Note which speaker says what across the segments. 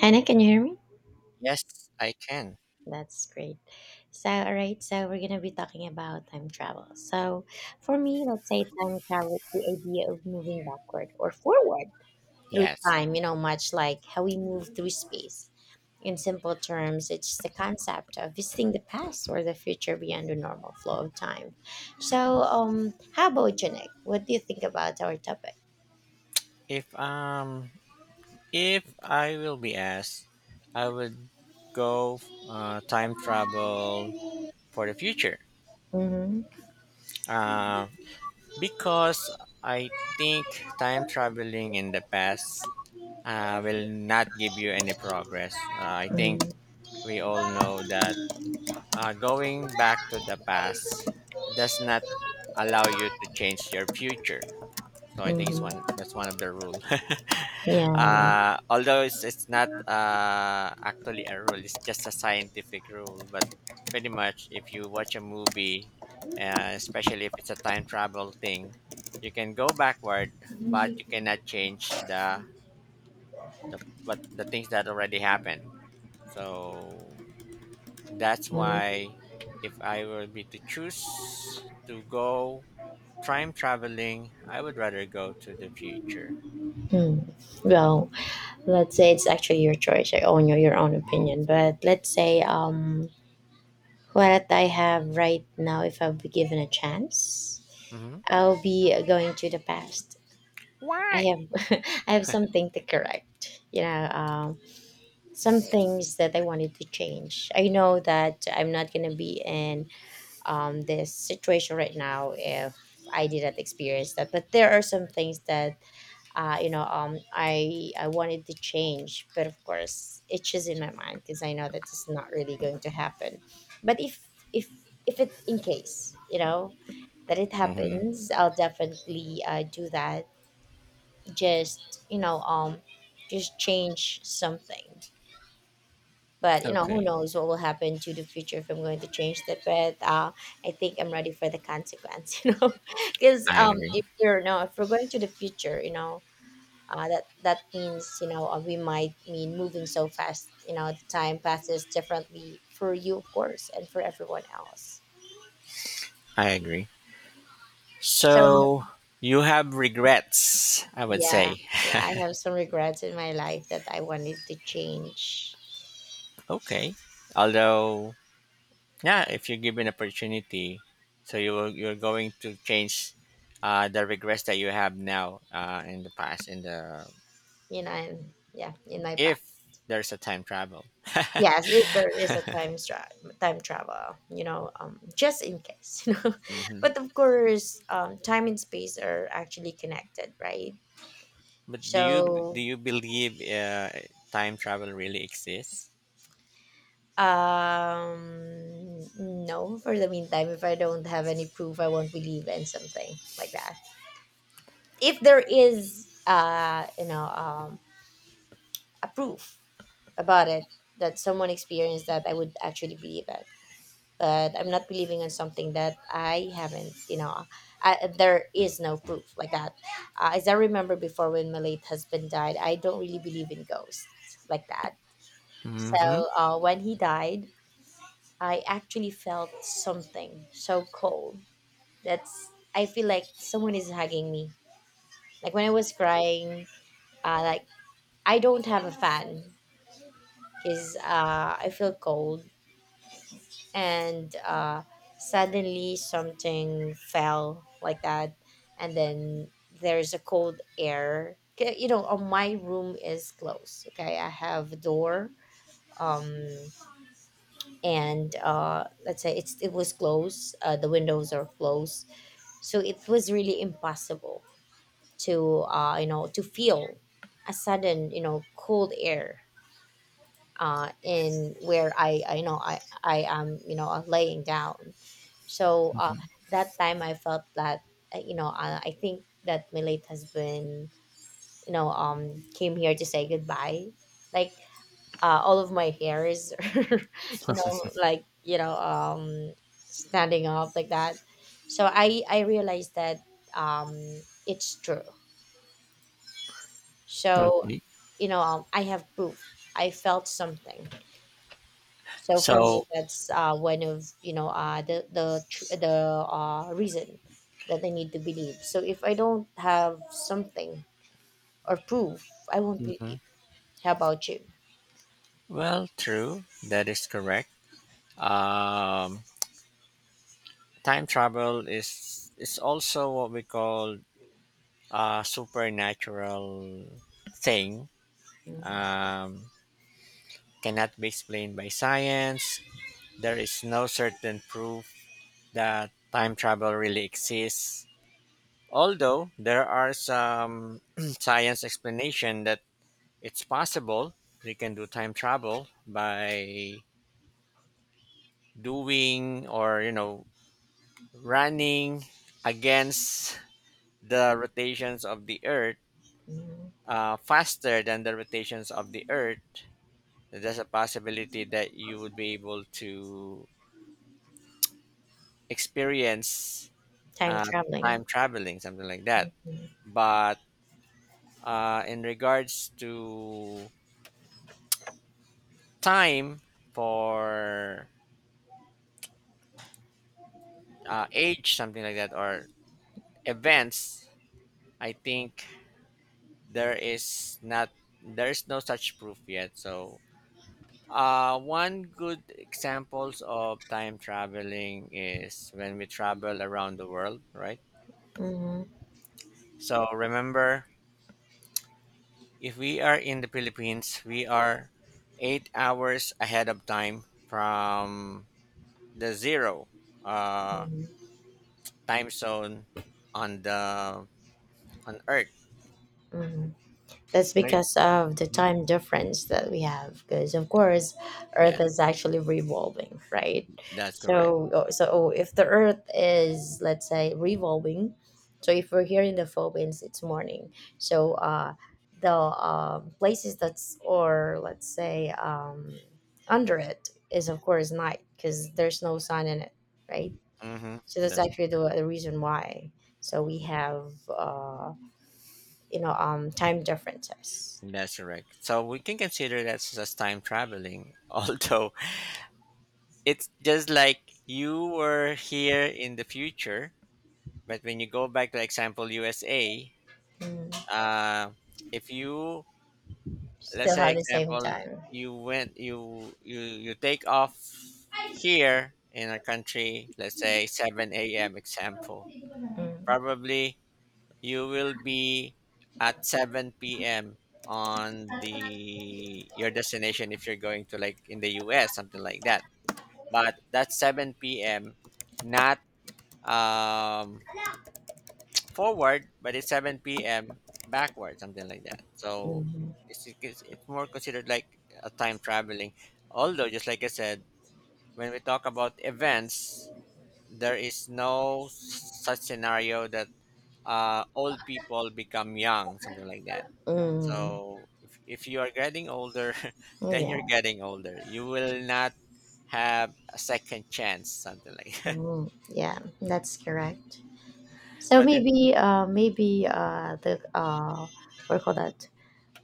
Speaker 1: Hannah, can you hear me?
Speaker 2: Yes, I can.
Speaker 1: That's great. So, all right, so we're going to be talking about time travel. So, for me, let's say time travel is the idea of moving backward or forward through
Speaker 2: Yes.
Speaker 1: time, much like how we move through space. In simple terms, it's the concept of visiting the past or the future beyond the normal flow of time. So, how about you, Nick? What do you think about our topic?
Speaker 2: If um if I will be asked, I would go time travel for the future.
Speaker 1: Mm-hmm.
Speaker 2: Uh, because I think time traveling in the past will not give you any progress. I think
Speaker 1: Mm-hmm.
Speaker 2: we all know that going back to the past does not allow you to change your future. So I think it's one that's one of
Speaker 1: Mm-hmm.
Speaker 2: the rule.
Speaker 1: Yeah.
Speaker 2: Although it's not actually a rule, it's just a scientific rule. But pretty much, if you watch a movie, especially if it's a time travel thing, you can go backward, but you cannot change the things that already happened. So that's
Speaker 1: Yeah.
Speaker 2: why, if I were be to choose to go time traveling, I would rather go to the future.
Speaker 1: Hmm. Well, let's say it's actually your choice, your own opinion. But let's say what I have right now, if I'll be given a chance,
Speaker 2: Hmm.
Speaker 1: I'll be going to the past. I
Speaker 2: Why?
Speaker 1: have I have something to correct. Some things that I wanted to change. I know that I'm not gonna be in this situation right now if I did not experience that. But there are some things that I wanted to change, but of course, itches in my mind because I know that it's not really going to happen. But if if it in case you know that it
Speaker 2: Hmm.
Speaker 1: happens, I'll definitely do that. Just you know, um, just change something. But who
Speaker 2: Okay.
Speaker 1: knows what will happen to the future if I'm going to change that. But I think I'm ready for the consequence. You know, because
Speaker 2: I
Speaker 1: um,
Speaker 2: agree.
Speaker 1: if we're no, if we're going to the future, that means we might mean moving so fast, the time passes differently for you, of course, and for everyone else.
Speaker 2: I agree.
Speaker 1: So,
Speaker 2: So you have regrets, I would
Speaker 1: yeah.
Speaker 2: say.
Speaker 1: Yeah, I have some regrets in my life that I wanted to change
Speaker 2: Okay. Although, yeah, if you're given opportunity, so you're going to change the regrets that you have now in the past. In the
Speaker 1: you know and yeah in my past.
Speaker 2: If there's a time travel.
Speaker 1: Yes, if there is a time travel, just in case.
Speaker 2: Hmm.
Speaker 1: But of course, time and space are actually connected, right?
Speaker 2: But do you do
Speaker 1: So,
Speaker 2: you believe time travel really exists?
Speaker 1: No, for the meantime, if I don't have any proof, I won't believe in something like that. If there is, a proof about it, that someone experienced that, I would actually believe it. But I'm not believing on something that I haven't, there is no proof like that. As I remember before, when my late husband died, I don't really believe in ghosts like that. So,
Speaker 2: Mm-hmm.
Speaker 1: when he died, I actually felt something so cold. That's, I feel like someone is hugging me. Like when I was crying, uh, like I don't have a fan because I feel cold, and suddenly something fell like that, and then there's a cold air. 'Kay. You know, my room is closed. Okay, I have a door. Um, and let's say it was closed. The windows are closed, so it was really impossible to, to feel a sudden, cold air, in where I am, you know, laying down. So, that time I felt that, I think that my late husband, came here to say goodbye. Like, all of my hairs you know, like, standing up like that. So I realized that it's true. So,
Speaker 2: Okay.
Speaker 1: you know, I have proof. I felt something. So for me,
Speaker 2: So.
Speaker 1: that's one of, the reason that I need to believe. So if I don't have something or proof, I won't believe. How about you?
Speaker 2: Well, true. That is correct. Um, time travel is also what we call a supernatural thing.
Speaker 1: Hmm.
Speaker 2: Um, cannot be explained by science. There is no certain proof that time travel really exists. Although there are some science explanation that it's possible they can do time travel by doing or running against the rotations of the earth,
Speaker 1: Hmm.
Speaker 2: faster than the rotations of the earth. There's a possibility that you would be able to experience
Speaker 1: Time
Speaker 2: uh, time
Speaker 1: traveling.
Speaker 2: traveling, something like that, but in regards to time for age something like that, or events, I think there is not there is no such proof yet. So one good examples of time traveling is when we travel around the world, right?
Speaker 1: Hmm.
Speaker 2: So remember, if we are in the Philippines, we are 8 hours ahead of time from the zero uh, time zone on the on Earth.
Speaker 1: Mhm. That's
Speaker 2: Right?
Speaker 1: because of the
Speaker 2: Mhm.
Speaker 1: time difference that we have. Because of course,
Speaker 2: Yeah,
Speaker 1: Earth is actually revolving, right?
Speaker 2: that's correct.
Speaker 1: So, oh, if the Earth is, let's say, revolving, so if we're here in the Philippines, it's morning. So, the places that's, or let's say, under it is of course night because there's no sun in it, right?
Speaker 2: Hmm.
Speaker 1: So that's
Speaker 2: That's
Speaker 1: actually the reason why. So we have. You know, time differences.
Speaker 2: that's correct. So we can consider that as time traveling, although it's just like you were here in the future, but when you go back to example USA,
Speaker 1: Mm.
Speaker 2: uh, if you let's
Speaker 1: Still
Speaker 2: say
Speaker 1: have the same
Speaker 2: example,
Speaker 1: time.
Speaker 2: you went you you you take off here in a country, let's say 7 a.m. example,
Speaker 1: Mm.
Speaker 2: probably you will be at 7 p.m. on the your destination if you're going to like in the US something like that. But that's 7 p.m., not um, forward, but it's 7 p.m. backward, something like that. So
Speaker 1: Hmm.
Speaker 2: it's more considered like a time traveling. Although, just like I said, when we talk about events, there is no such scenario that old people become young, something like that.
Speaker 1: Mm.
Speaker 2: So if you are getting older, then
Speaker 1: Yeah.
Speaker 2: you're getting older. You will not have a second chance, something like that.
Speaker 1: Mm. Yeah, that's correct. So
Speaker 2: But in,
Speaker 1: maybe maybe the what do you call that,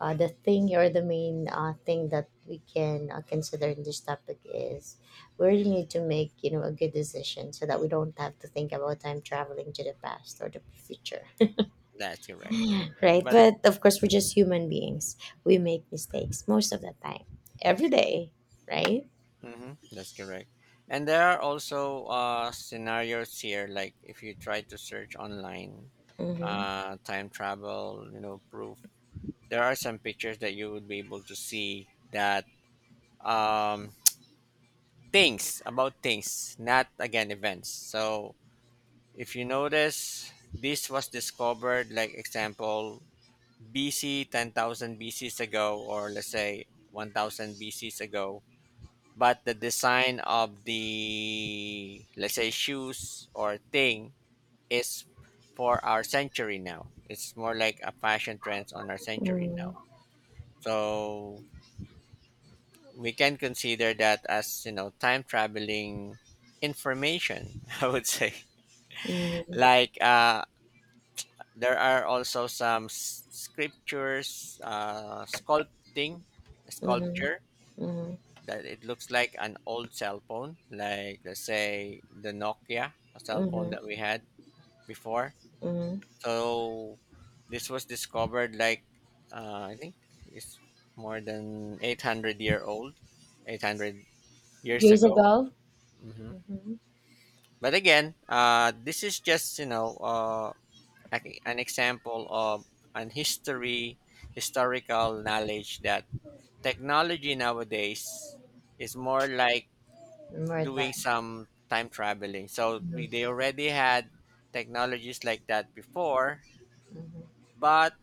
Speaker 1: the thing or the main thing that we can, consider in this topic, is we really need to make, you know, a good decision so that we don't have to think about time traveling to the past or the future,
Speaker 2: that's correct.
Speaker 1: right?
Speaker 2: But
Speaker 1: But of course, we're just human beings. We make mistakes most of the time, every day, right?
Speaker 2: Mm-hmm. That's correct. And there are also scenarios here, like if you try to search online,
Speaker 1: Mm-hmm.
Speaker 2: time travel, proof. There are some pictures that you would be able to see that um, things about things, not again events. So if you notice, this was discovered, like example, BC 10,000 BCs ago, or let's say 1,000 BCs ago, but the design of the, let's say, shoes or thing is for our century now. It's more like a fashion trends on our century now.
Speaker 1: Mm-hmm.
Speaker 2: So we can consider that as time traveling information, I would say.
Speaker 1: Mm-hmm.
Speaker 2: Like, there are also some scriptures, sculpting
Speaker 1: Mm-hmm.
Speaker 2: sculpture
Speaker 1: Mm-hmm.
Speaker 2: that it looks like an old cell phone, like let's say the Nokia, a cell phone
Speaker 1: Mm-hmm.
Speaker 2: that we had before.
Speaker 1: Mm-hmm.
Speaker 2: So this was discovered like I think it's more than 800 year old, 800 years
Speaker 1: Years
Speaker 2: ago.
Speaker 1: ago.
Speaker 2: Hmm.
Speaker 1: Mm-hmm.
Speaker 2: But again, this is just like an example of an history, historical knowledge that technology nowadays is more like
Speaker 1: More
Speaker 2: doing
Speaker 1: advanced.
Speaker 2: some time traveling. So
Speaker 1: Mm-hmm.
Speaker 2: they already had technologies like that before,
Speaker 1: Hmm.
Speaker 2: but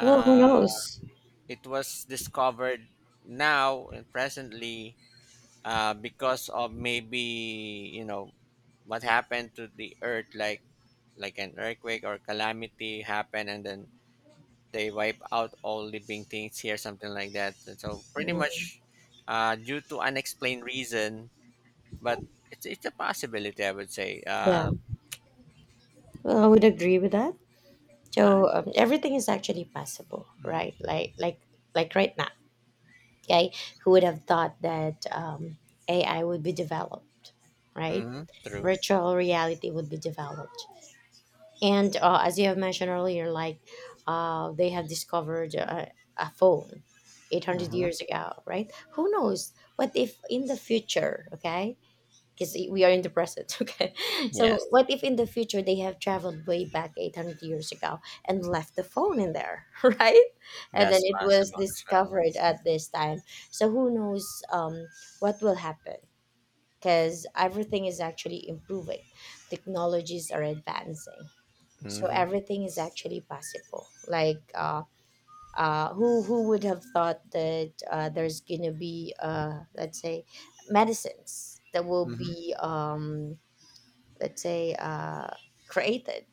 Speaker 1: Well, who knows?
Speaker 2: it was discovered now and presently because of maybe what happened to the earth, like an earthquake or calamity happened, and then they wipe out all living things here, something like that. And so pretty
Speaker 1: Mm-hmm.
Speaker 2: much due to unexplained reason, but it's a possibility, I would say.
Speaker 1: Yeah, well, I would agree with that. So,
Speaker 2: I'm
Speaker 1: everything is actually possible,
Speaker 2: Mhm,
Speaker 1: right? Like right now. Okay, who would have thought that, ai would be developed, right?
Speaker 2: mhm, true.
Speaker 1: Virtual reality would be developed. And, as you have mentioned earlier, like, they have discovered a phone 800
Speaker 2: Mhm.
Speaker 1: years ago, right? Who knows what if in the future? Okay, because we are in the present. Okay.
Speaker 2: Yes,
Speaker 1: So what if in the future they have traveled way back 800 years ago and left the phone in there, right? And then
Speaker 2: that's
Speaker 1: it was
Speaker 2: possible as well.
Speaker 1: discovered at this time. So who knows, what will happen? Because everything is actually improving, technologies are advancing. So
Speaker 2: Mhm,
Speaker 1: everything is actually possible. Who would have thought that, there's gonna be, let's say, medicines that will
Speaker 2: mhm,
Speaker 1: be, let's say, created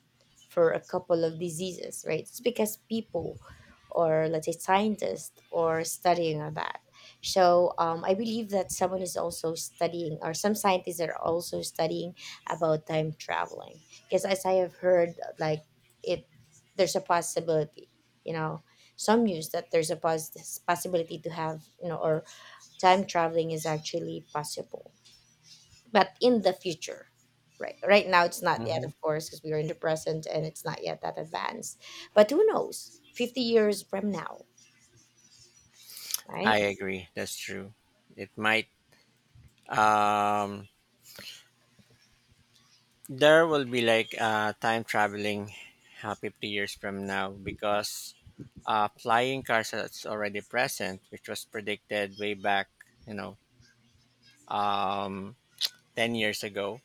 Speaker 1: for a couple of diseases, right? It's because people, or let's say, scientists are studying on that. So, I believe that someone is also studying, or some scientists are also studying about time traveling. Because as I have heard, like, it there's a possibility, you know, some news that there's a possibility to have, you know, or time traveling is actually possible, but in the future. Right, right now it's not yet,
Speaker 2: mhm.
Speaker 1: of course, because we are in the present and it's not yet that advanced. But who knows, 50 years from now,
Speaker 2: I
Speaker 1: right?
Speaker 2: agree. That's true. It might. Um, there will be like time traveling 50 years from now, because flying cars that's already present, which was predicted way back, you know, um, 10 years ago.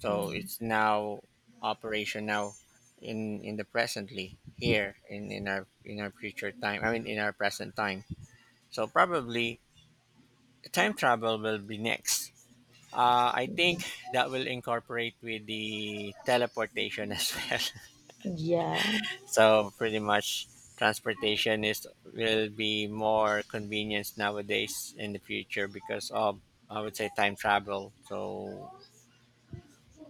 Speaker 2: So
Speaker 1: Mm.
Speaker 2: it's now operation now in the presently, here in our future time. I mean, in our present time. So probably time travel will be next. I think
Speaker 1: Mhm.
Speaker 2: that will incorporate with the teleportation as well.
Speaker 1: Yeah.
Speaker 2: So pretty much, transportation is will be more convenience nowadays in the future because of, I would say, time travel. So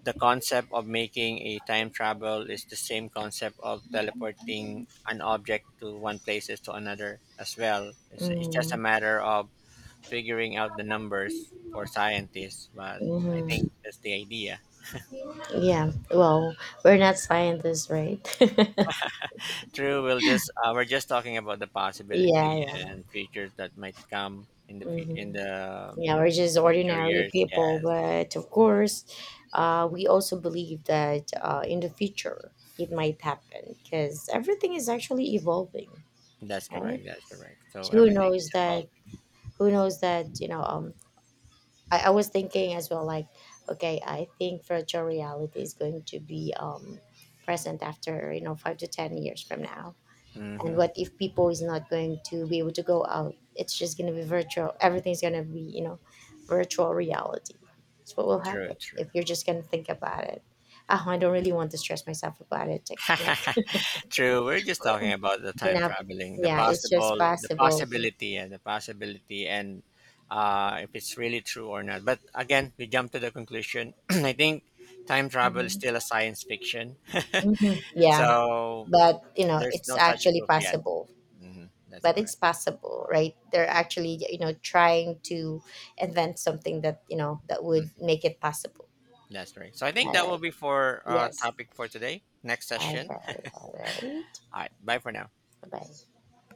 Speaker 2: the concept of making a time travel is the same concept of teleporting an object to one places to another as well. It's just a
Speaker 1: Mm.
Speaker 2: matter of figuring out the numbers for scientists, but I think
Speaker 1: Mhm.
Speaker 2: that's the idea.
Speaker 1: Yeah, well, we're not scientists, right?
Speaker 2: True, we're just talking about the
Speaker 1: Yeah.
Speaker 2: possibility
Speaker 1: Yeah.
Speaker 2: and features that might come in
Speaker 1: Hmm.
Speaker 2: the
Speaker 1: Yeah, we're just
Speaker 2: future
Speaker 1: ordinary
Speaker 2: years.
Speaker 1: people,
Speaker 2: Yes,
Speaker 1: but of course, we also believe that, in the future, it might happen because everything is actually evolving,
Speaker 2: that's correct.
Speaker 1: right?
Speaker 2: That's correct. So
Speaker 1: Who
Speaker 2: everything
Speaker 1: knows
Speaker 2: is
Speaker 1: that,
Speaker 2: evolving.
Speaker 1: who knows that, you know, I was thinking as well, like, okay, I think virtual reality is going to be, present after, you know, 5 to 10 years from now. And
Speaker 2: Mm-hmm.
Speaker 1: what if people is not going to be able to go out? It's just going to be virtual. Everything's going to be, you know, virtual reality. That's what will
Speaker 2: True,
Speaker 1: happen if
Speaker 2: true.
Speaker 1: you're just going to think about it. Oh, I don't really want to stress myself about it, like,
Speaker 2: True. We're just talking about the
Speaker 1: you
Speaker 2: time
Speaker 1: know.
Speaker 2: traveling,
Speaker 1: Yeah, it's just possible.
Speaker 2: the possibility, and if it's really true or not. But again, we jump to the conclusion. I think time travel is still
Speaker 1: Hmm.
Speaker 2: a science fiction,
Speaker 1: Hmm. Yeah.
Speaker 2: so
Speaker 1: But you know,
Speaker 2: there's
Speaker 1: it's
Speaker 2: no such
Speaker 1: actually
Speaker 2: proof yet.
Speaker 1: possible.
Speaker 2: Hmm. That's
Speaker 1: But it's
Speaker 2: correct.
Speaker 1: possible, right? They're actually, you know, trying to invent something that, you know, that
Speaker 2: Mm.
Speaker 1: would make it possible.
Speaker 2: That's right. So I think
Speaker 1: All
Speaker 2: that will
Speaker 1: right.
Speaker 2: be for
Speaker 1: Yes.
Speaker 2: topic for today. Next
Speaker 1: All
Speaker 2: session.
Speaker 1: right. All right.
Speaker 2: All right. Bye for now.
Speaker 1: Bye.